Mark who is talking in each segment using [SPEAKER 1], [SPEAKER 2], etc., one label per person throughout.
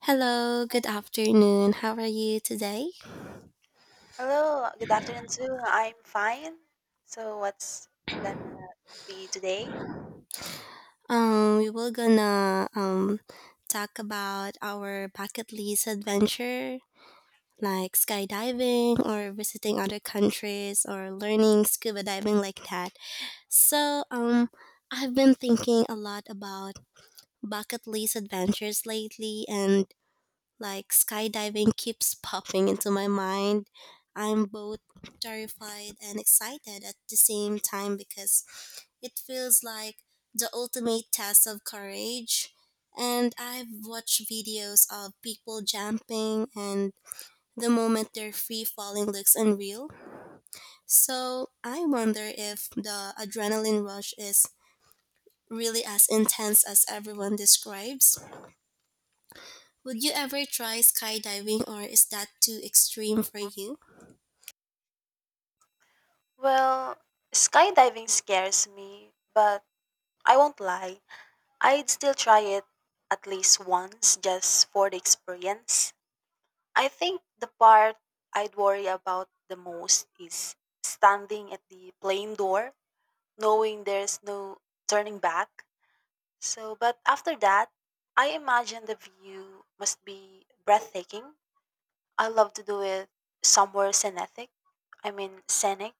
[SPEAKER 1] Hello, good afternoon. How are you today?
[SPEAKER 2] Hello, good afternoon too. I'm fine. So what's gonna be today?
[SPEAKER 1] We will gonna talk about our bucket list adventure, like skydiving or visiting other countries or learning scuba diving like that. So, um, I've been thinking a lot about bucket list adventures lately, and like skydiving keeps popping into my mind. I'm both terrified and excited at the same time because it feels like the ultimate test of courage. And I've watched videos of people jumping, and the moment they're free falling looks unreal. So I wonder if the adrenaline rush is really as intense as everyone describes. Would you ever try skydiving, or is that too extreme for you?
[SPEAKER 2] Well, skydiving scares me, but I won't lie. I'd still try it at least once just for the experience. I think the part I'd worry about the most is standing at the plane door, knowing there's no turning back. So, but after that, I imagine the view must be breathtaking. I love to do it somewhere scenic. I mean scenic,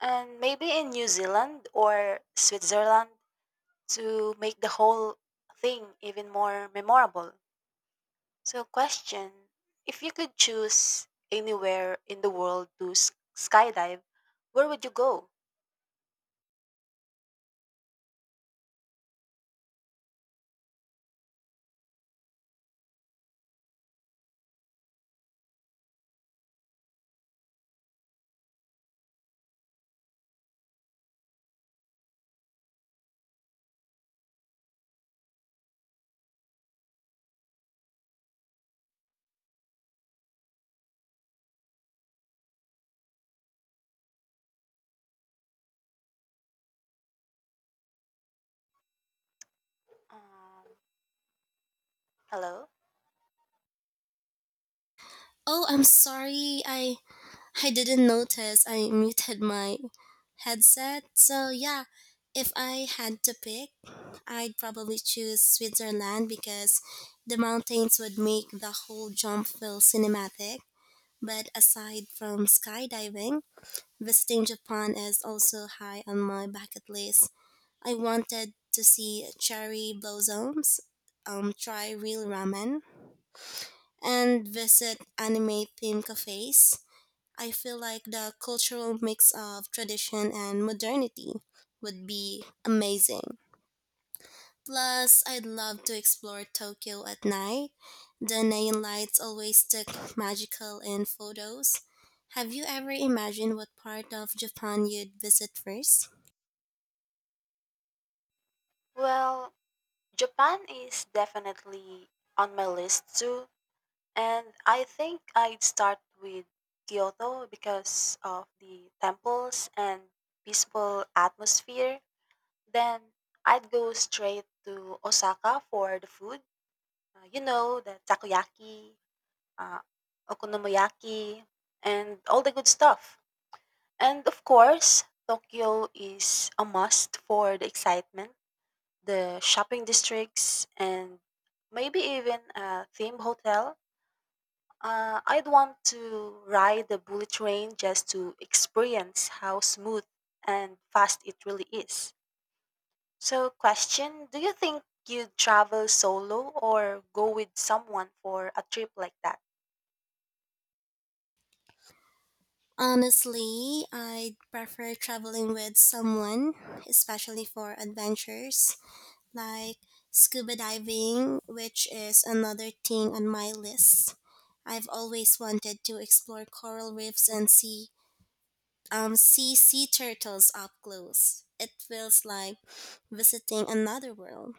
[SPEAKER 2] and maybe in New Zealand or Switzerland to make the whole thing even more memorable. So, question: if you could choose anywhere in the world to skydive, where would you go? Um, Hello.
[SPEAKER 1] Oh, I'm sorry. I didn't notice I muted my headset. So, yeah, if I had to pick, I'd probably choose Switzerland because the mountains would make the whole jump feel cinematic. But aside from skydiving, visiting Japan is also high on my bucket list. I wanted to see cherry blossoms, try real ramen, and visit anime themed cafes. I feel like the cultural mix of tradition and modernity would be amazing. Plus, I'd love to explore Tokyo at night. The neon lights always look magical in photos. Have you ever imagined what part of Japan you'd visit first?
[SPEAKER 2] Well, Japan is definitely on my list too. And I think I'd start with Kyoto because of the temples and peaceful atmosphere. Then I'd go straight to Osaka for the food. You know, the takoyaki, uh, okonomiyaki, and all the good stuff. And of course, Tokyo is a must for the excitement, the shopping districts, and maybe even a theme hotel. I'd want to ride the bullet train just to experience how smooth and fast it really is. So, question: do you think you'd travel solo or go with someone for a trip like that?
[SPEAKER 1] Honestly, I'd prefer traveling with someone, especially for adventures, like scuba diving, which is another thing on my list. I've always wanted to explore coral reefs and see sea turtles up close. It feels like visiting another world.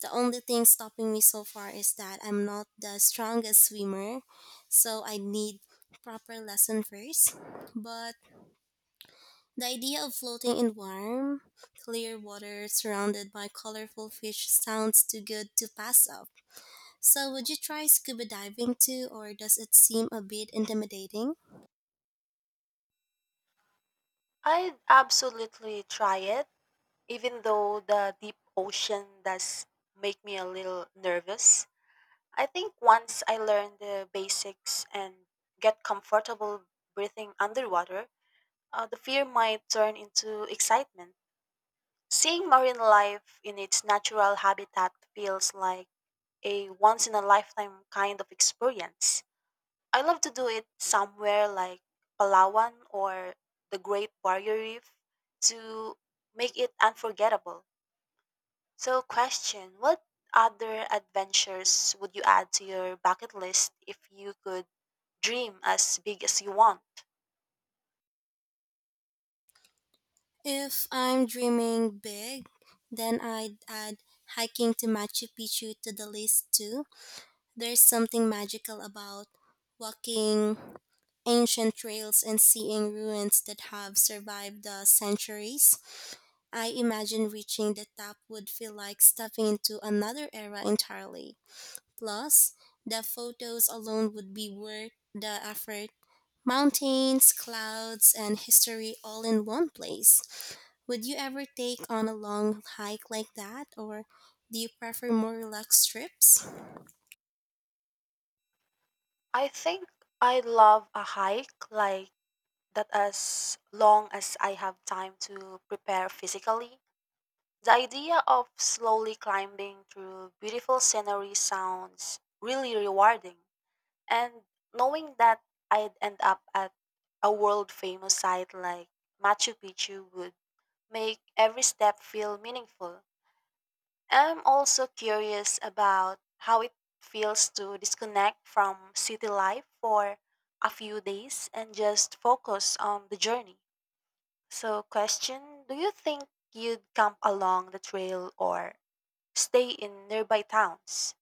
[SPEAKER 1] The only thing stopping me so far is that I'm not the strongest swimmer, so I need proper lesson first. But the idea of floating in warm, clear water surrounded by colorful fish sounds too good to pass up. So, would you try scuba diving too, or does it seem a bit intimidating?
[SPEAKER 2] I'd absolutely try it, even though the deep ocean does make me a little nervous. I think once I learn the basics and get comfortable breathing underwater, the fear might turn into excitement. Seeing marine life in its natural habitat feels like a once in a lifetime kind of experience. I love to do it somewhere like Palawan or the Great Barrier Reef to make it unforgettable. So, question: what other adventures would you add to your bucket list if you could dream as big as you want?
[SPEAKER 1] If I'm dreaming big, then I'd add hiking to Machu Picchu to the list too. There's something magical about walking ancient trails and seeing ruins that have survived the centuries. I imagine reaching the top would feel like stepping into another era entirely. Plus, the photos alone would be worth the effort. Mountains, clouds, and history all in one place. Would you ever take on a long hike like that, or do you prefer more relaxed trips?
[SPEAKER 2] I think I love a hike like that. As long as I have time to prepare physically, the idea of slowly climbing through beautiful scenery sounds really rewarding. And knowing that I'd end up at a world famous site like Machu Picchu would make every step feel meaningful. I'm also curious about how it feels to disconnect from city life for a few days and just focus on the journey. So, question: do you think you'd camp along the trail or stay in nearby towns?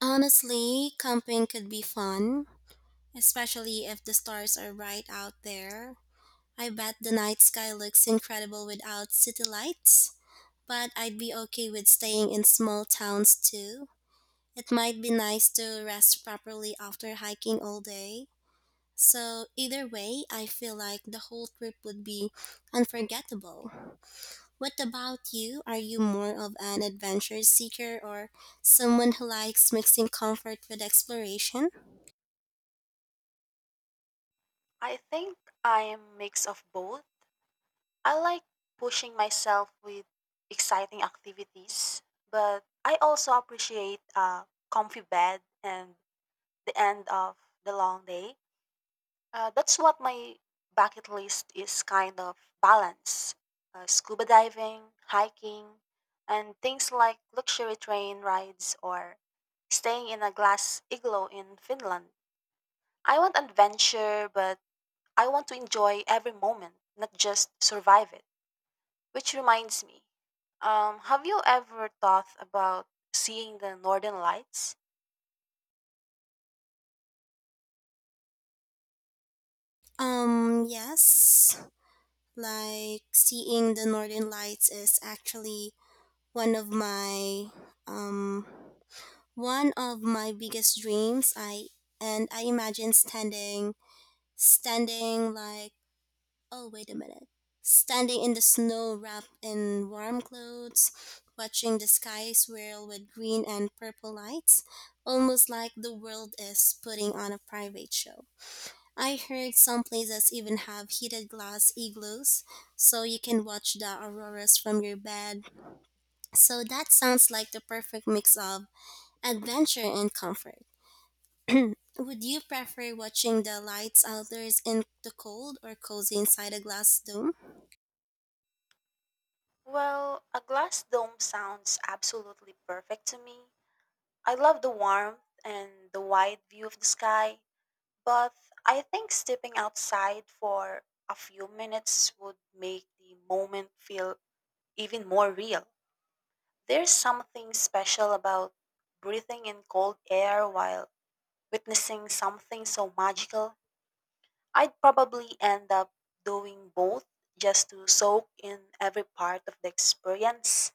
[SPEAKER 1] Honestly, camping could be fun, especially if the stars are right out there. I bet the night sky looks incredible without city lights, but I'd be okay with staying in small towns too. It might be nice to rest properly after hiking all day. So, either way, I feel like the whole trip would be unforgettable. What about you? Are you more of an adventure seeker or someone who likes mixing comfort with exploration?
[SPEAKER 2] I think I'm mix of both. I like pushing myself with exciting activities, but I also appreciate a comfy bed and the end of the long day. That's what my bucket list is kind of balance. Scuba diving, hiking, and things like luxury train rides or staying in a glass igloo in Finland. I want adventure, but I want to enjoy every moment, not just survive it. Which reminds me, have you ever thought about seeing the northern lights?
[SPEAKER 1] Yes. Like seeing the northern lights is actually one of my um One of my biggest dreams, I and I imagine standing, standing like, oh, wait a minute, standing in the snow wrapped in warm clothes, watching the sky swirl with green and purple lights, almost like the world is putting on a private show. I heard some places even have heated glass igloos, so you can watch the auroras from your bed. So that sounds like the perfect mix of adventure and comfort. Would you prefer watching the lights outdoors in the cold or cozy inside a glass dome?
[SPEAKER 2] Well, a glass dome sounds absolutely perfect to me. I love the warmth and the wide view of the sky, but I think stepping outside for a few minutes would make the moment feel even more real. There's something special about breathing in cold air while witnessing something so magical. I'd probably end up doing both just to soak in every part of the experience.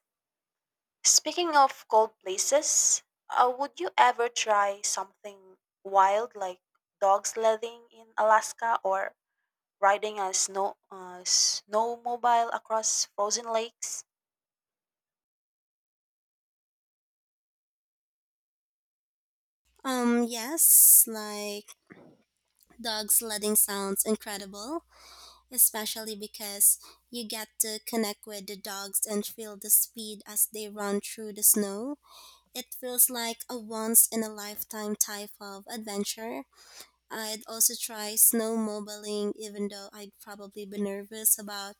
[SPEAKER 2] Speaking of cold places, would you ever try something wild like dog sledding in Alaska or riding a snowmobile across frozen lakes?
[SPEAKER 1] Yes, like dog sledding sounds incredible, especially because you get to connect with the dogs and feel the speed as they run through the snow. It feels like a once in a lifetime type of adventure. I'd also try snowmobiling, even though I'd probably be nervous about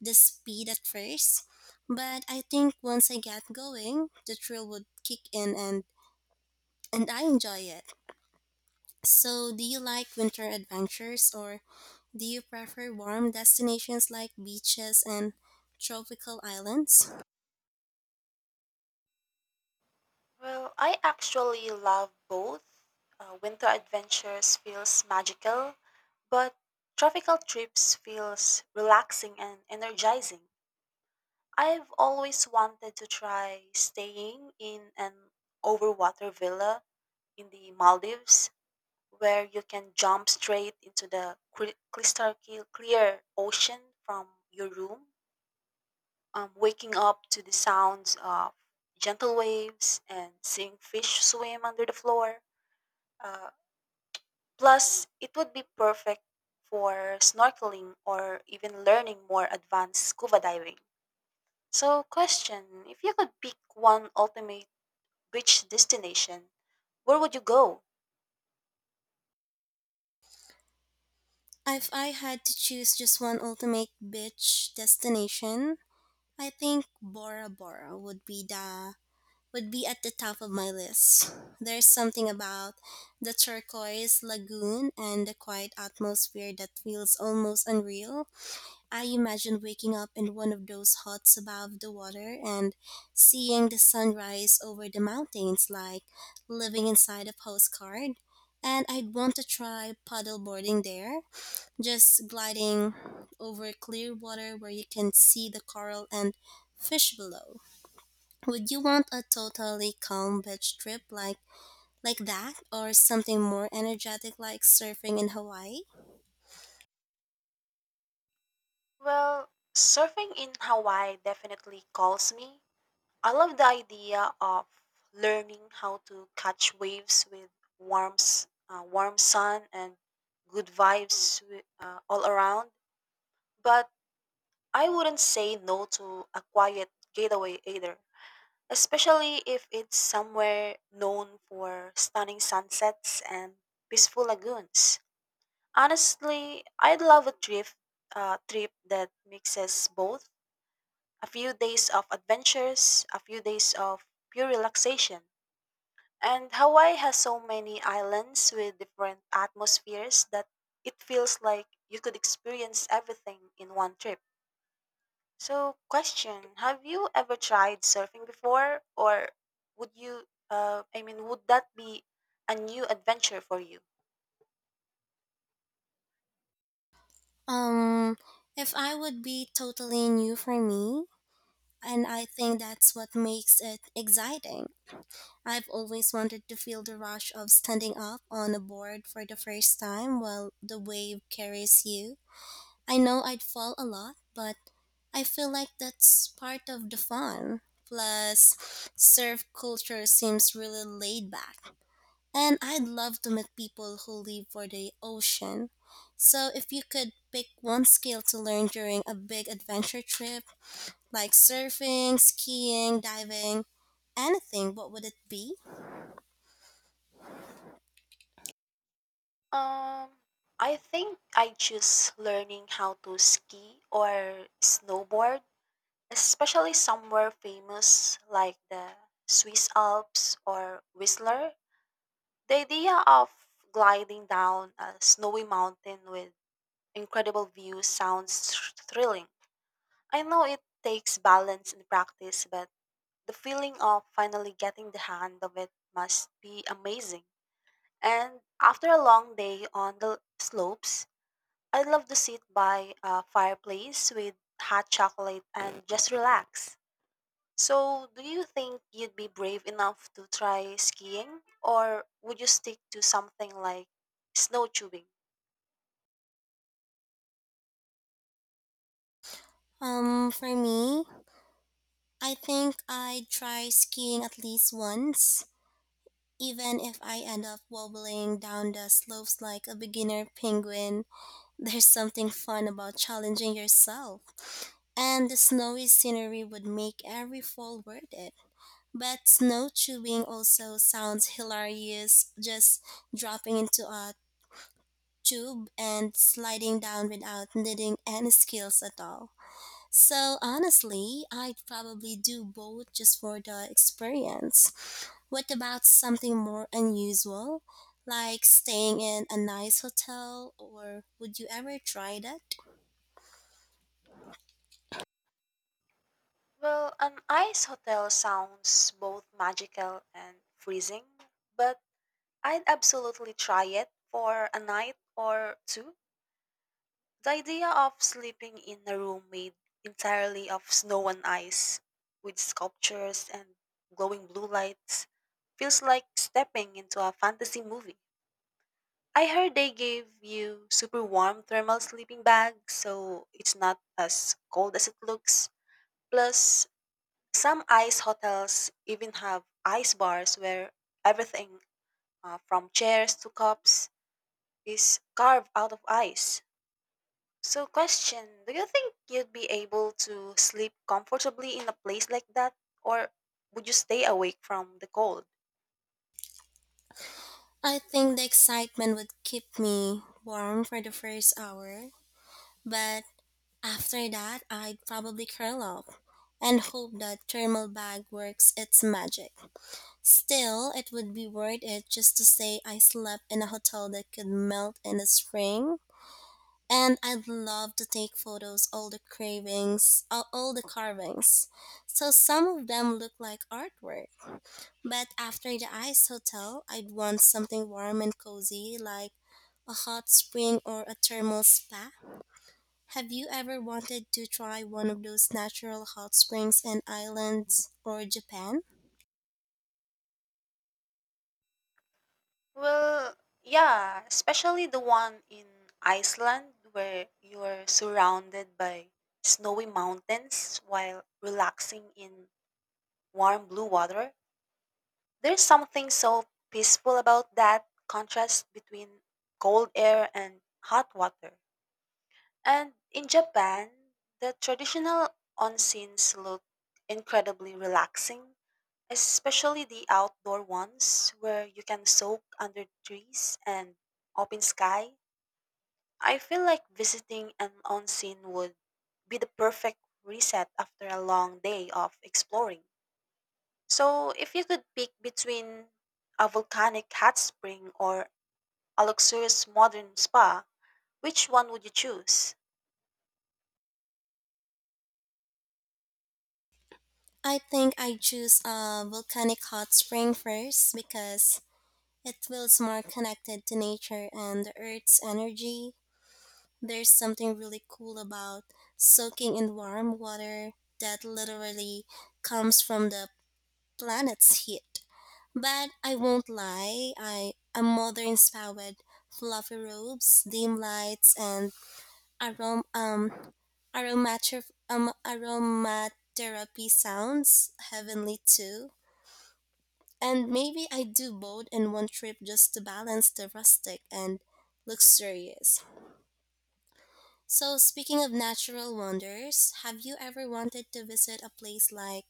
[SPEAKER 1] the speed at first. But I think once I get going, the thrill would kick in, and I enjoy it. So, do you like winter adventures or do you prefer warm destinations like beaches and tropical islands?
[SPEAKER 2] Well, I actually love both. Winter adventures feels magical, but tropical trips feels relaxing and energizing. I've always wanted to try staying in an overwater villa in the Maldives, where you can jump straight into the crystal clear ocean from your room, waking up to the sounds of gentle waves and seeing fish swim under the floor. Uh, Plus, it would be perfect for snorkeling or even learning more advanced scuba diving. So, question: if you could pick one ultimate beach destination, where would you go?
[SPEAKER 1] If I had to choose just one ultimate beach destination, I think Bora Bora would be at the top of my list. There's something about the turquoise lagoon and the quiet atmosphere that feels almost unreal. I imagine waking up in one of those huts above the water and seeing the sunrise over the mountains like living inside a postcard. And I'd want to try paddle boarding there, just gliding over clear water where you can see the coral and fish below. Would you want a totally calm beach trip like that or something more energetic like surfing in Hawaii?
[SPEAKER 2] Well, surfing in Hawaii definitely calls me. I love the idea of learning how to catch waves with warm sun and good vibes all around. But I wouldn't say no to a quiet getaway either, especially if it's somewhere known for stunning sunsets and peaceful lagoons. Honestly, I'd love a trip that mixes both, a few days of adventures, a few days of pure relaxation. And Hawaii has so many islands with different atmospheres that it feels like you could experience everything in one trip. So, question: have you ever tried surfing before? Or would you, I mean, would that be a new adventure for you?
[SPEAKER 1] Um if I would be totally new for me and I think that's what makes it exciting. I've always wanted to feel the rush of standing up on a board for the first time while the wave carries you. I know I'd fall a lot, but I feel like that's part of the fun. Plus, surf culture seems really laid back. And I'd love to meet people who live for the ocean. So, if you could pick one skill to learn during a big adventure trip, like surfing, skiing, diving, anything, what would it be?
[SPEAKER 2] Um, I think I choose learning how to ski or snowboard, especially somewhere famous like the Swiss Alps or Whistler. The idea of gliding down a snowy mountain with incredible views sounds thrilling. I know it takes balance and practice, but the feeling of finally getting the hand of it must be amazing. And after a long day on the slopes, I love to sit by a fireplace with hot chocolate and just relax. So, do you think you'd be brave enough to try skiing, or would you stick to something like snow tubing?
[SPEAKER 1] For me, I think I'd try skiing at least once. Even if I end up wobbling down the slopes like a beginner penguin, there's something fun about challenging yourself. And the snowy scenery would make every fall worth it. But snow tubing also sounds hilarious, just dropping into a tube and sliding down without needing any skills at all. So honestly, I'd probably do both just for the experience. What about something more unusual, like staying in a nice hotel, or would you ever try that?
[SPEAKER 2] Well, an ice hotel sounds both magical and freezing, but I'd absolutely try it for a night or two. The idea of sleeping in a room made entirely of snow and ice, with sculptures and glowing blue lights, feels like stepping into a fantasy movie. I heard they gave you super warm thermal sleeping bags, so it's not as cold as it looks. Plus, some ice hotels even have ice bars where everything, from chairs to cups, is carved out of ice. So, question: do you think you'd be able to sleep comfortably in a place like that, or would you stay awake from the cold?
[SPEAKER 1] I think the excitement would keep me warm for the first hour, but after that, I'd probably curl up and hope that thermal bag works its magic. Still, it would be worth it just to say I slept in a hotel that could melt in the spring, and I'd love to take photos all the cravings all the carvings. So some of them look like artwork. But after the ice hotel, I'd want something warm and cozy like a hot spring or a thermal spa. Have you ever wanted to try one of those natural hot springs and islands or Japan?
[SPEAKER 2] Well, yeah, especially the one in Iceland where you're surrounded by snowy mountains while relaxing in warm blue water. There's something so peaceful about that contrast between cold air and hot water. And in Japan, the traditional onsens look incredibly relaxing, especially the outdoor ones where you can soak under trees and open sky. I feel like visiting an onsen would be the perfect reset after a long day of exploring. So, if you could pick between a volcanic hot spring or a luxurious modern spa, which one would you choose?
[SPEAKER 1] I think I choose a volcanic hot spring first because it feels more connected to nature and the earth's energy. There's something really cool about soaking in warm water that literally comes from the planet's heat. But I won't lie, I'm mother inspired fluffy robes, dim lights, and arom um aromater aromatherapy sounds heavenly too. And maybe I do both in one trip just to balance the rustic and luxurious. So, speaking of natural wonders, have you ever wanted to visit a place like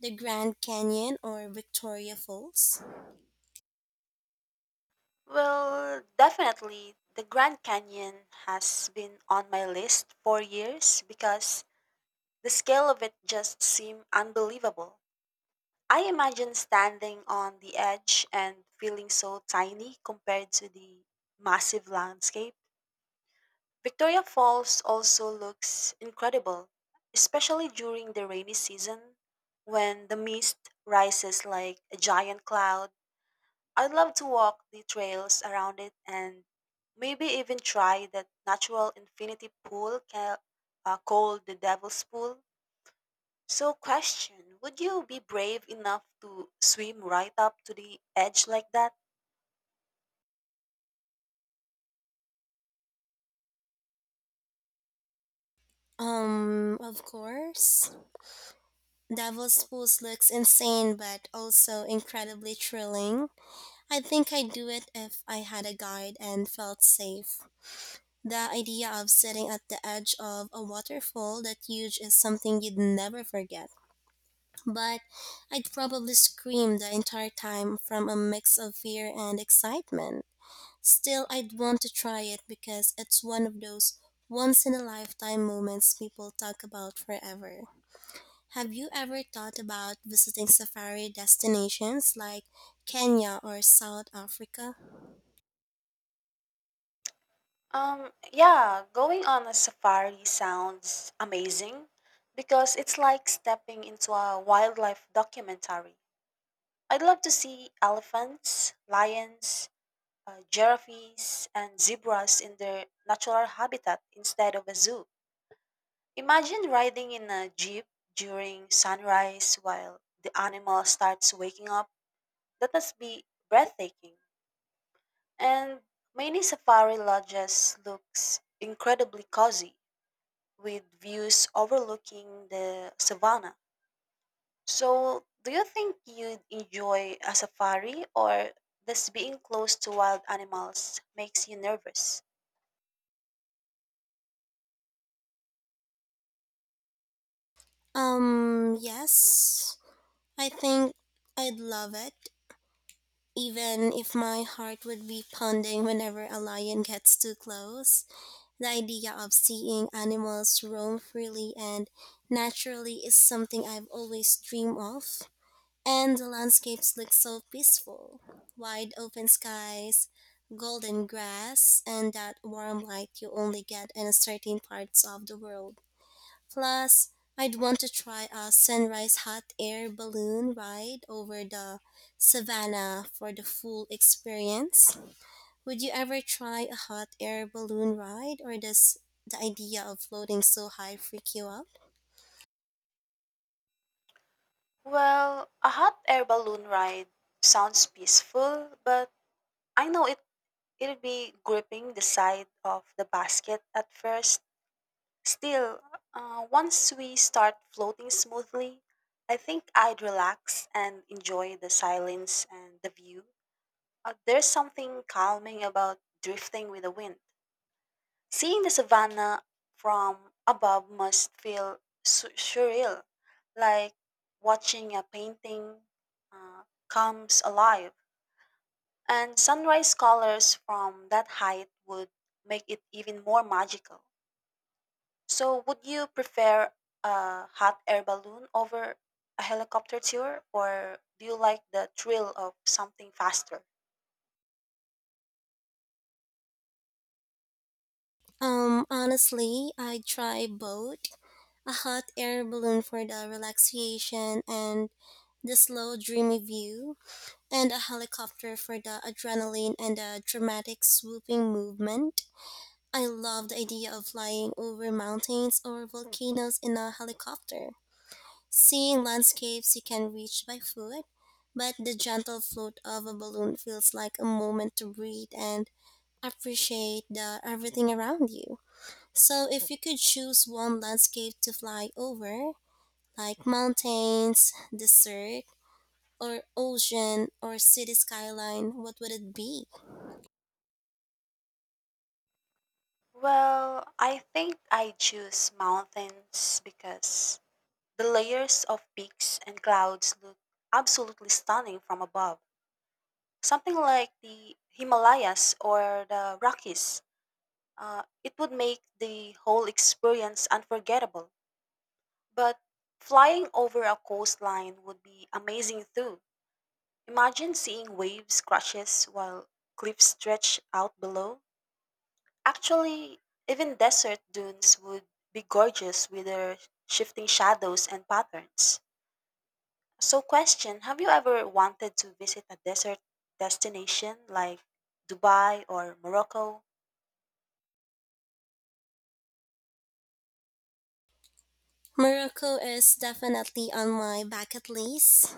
[SPEAKER 1] the Grand Canyon or Victoria Falls?
[SPEAKER 2] Well, definitely the Grand Canyon has been on my list for years because the scale of it just seemed unbelievable. I imagine standing on the edge and feeling so tiny compared to the massive landscape. Victoria Falls also looks incredible, especially during the rainy season when the mist rises like a giant cloud. I'd love to walk the trails around it and maybe even try that natural infinity pool called the Devil's Pool. So, question: would you be brave enough to swim right up to the edge like that?
[SPEAKER 1] Of course. Devil's Pools looks insane but also incredibly thrilling. I think I'd do it if I had a guide and felt safe. The idea of sitting at the edge of a waterfall that huge is something you'd never forget, but I'd probably scream the entire time from a mix of fear and excitement. Still, I'd want to try it because it's one of those once in a lifetime moments people talk about forever. Have you ever thought about visiting safari destinations like Kenya or South Africa?
[SPEAKER 2] Yeah, going on a safari sounds amazing because it's like stepping into a wildlife documentary. I'd love to see elephants, lions, giraffes, and zebras in their natural habitat instead of a zoo. Imagine riding in a jeep during sunrise while the animal starts waking up. That must be breathtaking. And many safari lodges looks incredibly cozy with views overlooking the savannah. So, do you think you'd enjoy a safari or does being close to wild animals makes you nervous?
[SPEAKER 1] Yes. I think I'd love it, even if my heart would be pounding whenever a lion gets too close. The idea of seeing animals roam freely and naturally is something I've always dreamed of. And the landscapes look so peaceful, wide open skies, golden grass, and that warm light you only get in certain parts of the world. Plus, I'd want to try a sunrise hot air balloon ride over the savannah for the full experience. Would you ever try a hot air balloon ride or does the idea of floating so high freak you out?
[SPEAKER 2] Well, a hot air balloon ride sounds peaceful, but I know it'll be gripping the side of the basket at first. Still, once we start floating smoothly, I think I'd relax and enjoy the silence and the view. There's something calming about drifting with the wind. Seeing the savannah from above must feel surreal, like watching a painting uh, comes alive. And sunrise colors from that height would make it even more magical. So, would you prefer a hot air balloon over a helicopter tour, or do you like the thrill of something faster?
[SPEAKER 1] Honestly, I'd try both. A hot air balloon for the relaxation and the slow dreamy view, and a helicopter for the adrenaline and the dramatic swooping movement. I love the idea of flying over mountains or volcanoes in a helicopter. Seeing landscapes you can reach by foot, but the gentle float of a balloon feels like a moment to breathe and appreciate the everything around you. So if you could choose one landscape to fly over, like mountains, desert, or ocean or city skyline, what would it be?
[SPEAKER 2] Well, I think I choose mountains because the layers of peaks and clouds look absolutely stunning from above. Something like the Himalayas or the Rockies. It would make the whole experience unforgettable. But flying over a coastline would be amazing too. Imagine seeing waves crashes while cliffs stretch out below. Actually, even desert dunes would be gorgeous with their shifting shadows and patterns. So, question: have you ever wanted to visit a desert destination like Dubai or Morocco?
[SPEAKER 1] Morocco is definitely on my bucket list,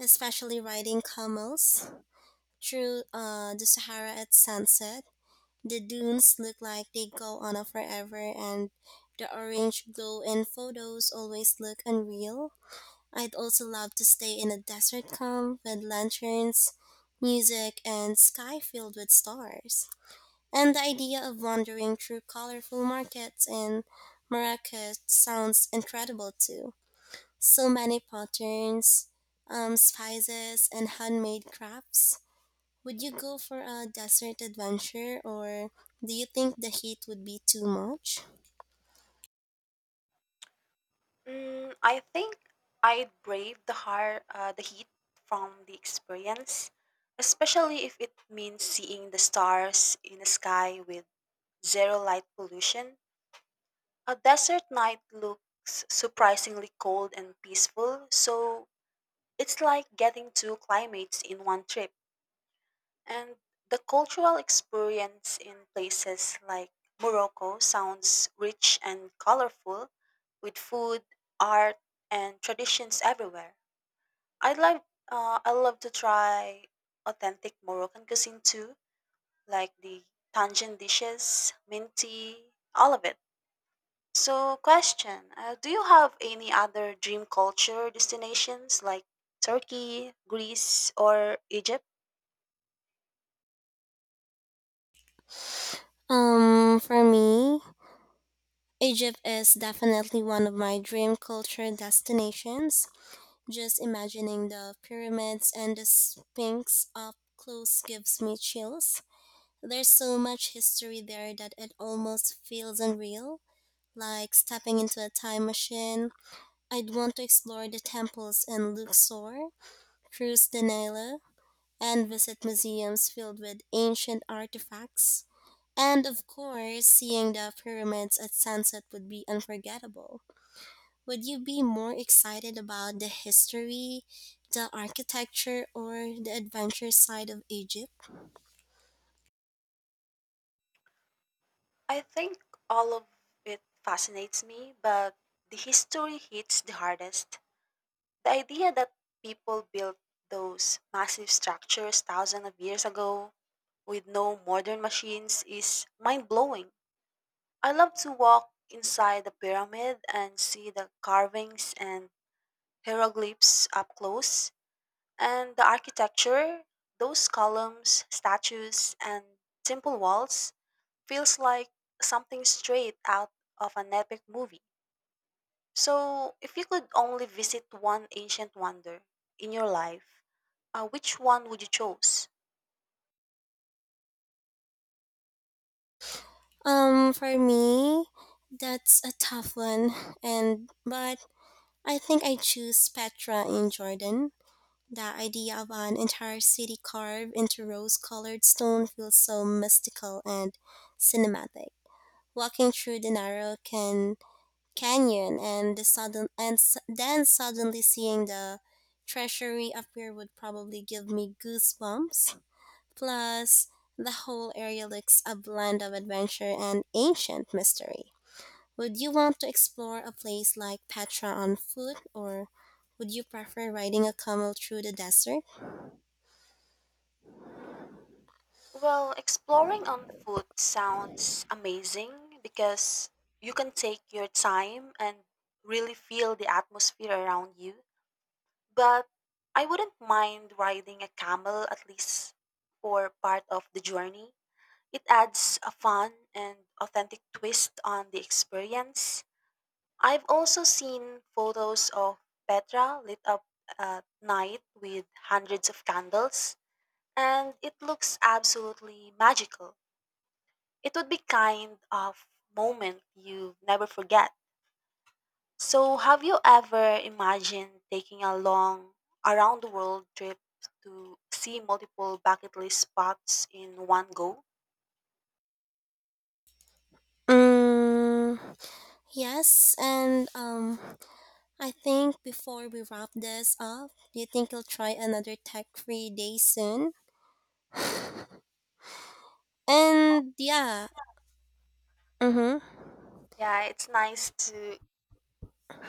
[SPEAKER 1] especially riding camels through the Sahara at sunset. The dunes look like they go on a forever, and the orange glow in photos always look unreal. I'd also love to stay in a desert camp with lanterns, music, and sky filled with stars. And the idea of wandering through colorful markets in Marrakech sounds incredible too. So many patterns, spices, and handmade crafts. Would you go for a desert adventure or do you think the heat would be too much?
[SPEAKER 2] Mm, I think I'd brave the heat from the experience, especially if it means seeing the stars in the sky with zero light pollution. A desert night looks surprisingly cold and peaceful, so it's like getting two climates in one trip. And the cultural experience in places like Morocco sounds rich and colorful with food, art, and traditions everywhere. I love to try authentic Moroccan cuisine too, like the tangent dishes, minty, all of it. So, question: do you have any other dream culture destinations like Turkey, Greece, or Egypt?
[SPEAKER 1] For me, Egypt is definitely one of my dream culture destinations. Just imagining the pyramids and the Sphinx up close gives me chills. There's so much history there that it almost feels unreal, like stepping into a time machine. I'd want to explore the temples in Luxor, cruise the Nile, and visit museums filled with ancient artifacts. And of course, seeing the pyramids at sunset would be unforgettable. Would you be more excited about the history, the architecture, or the adventure side of Egypt?
[SPEAKER 2] I think all of it fascinates me, but the history hits the hardest. The idea that people built those massive structures thousands of years ago with no modern machines is mind blowing. I love to walk inside the pyramid and see the carvings and hieroglyphs up close. And the architecture, those columns, statues, and simple walls, feels like something straight out of an epic movie. So, if you could only visit one ancient wonder in your life, which one would you choose?
[SPEAKER 1] For me, that's a tough one, and but I think I choose Petra in Jordan. The idea of an entire city carved into rose colored stone feels so mystical and cinematic. Walking through the canyon and the sudden and s- then suddenly seeing the treasury appear would probably give me goosebumps. Plus, the whole area looks a blend of adventure and ancient mystery. Would you want to explore a place like Petra on foot or would you prefer riding a camel through the desert?
[SPEAKER 2] Well, exploring on foot sounds amazing because you can take your time and really feel the atmosphere around you. But I wouldn't mind riding a camel at least for part of the journey. It adds a fun and authentic twist on the experience. I've also seen photos of Petra lit up at night with hundreds of candles, and it looks absolutely magical. It would be kind of moment you never forget. So, have you ever imagined taking a long around the world trip to see multiple bucket list spots in one go?
[SPEAKER 1] Mm, yes, and I think before we wrap this up, do you think you'll try another tech-free day soon? And yeah, mm-hmm.
[SPEAKER 2] Yeah, it's nice to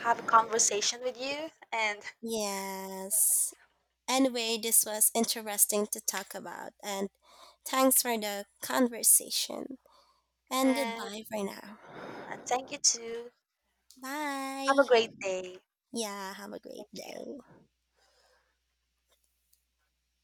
[SPEAKER 2] have a conversation with you and
[SPEAKER 1] Yes. Anyway, this was interesting to talk about, and thanks for the conversation. And
[SPEAKER 2] and
[SPEAKER 1] goodbye for now.
[SPEAKER 2] and thank you too. Have
[SPEAKER 1] Bye.
[SPEAKER 2] a great day.
[SPEAKER 1] Yeah, have a great
[SPEAKER 2] Thank you.
[SPEAKER 1] day.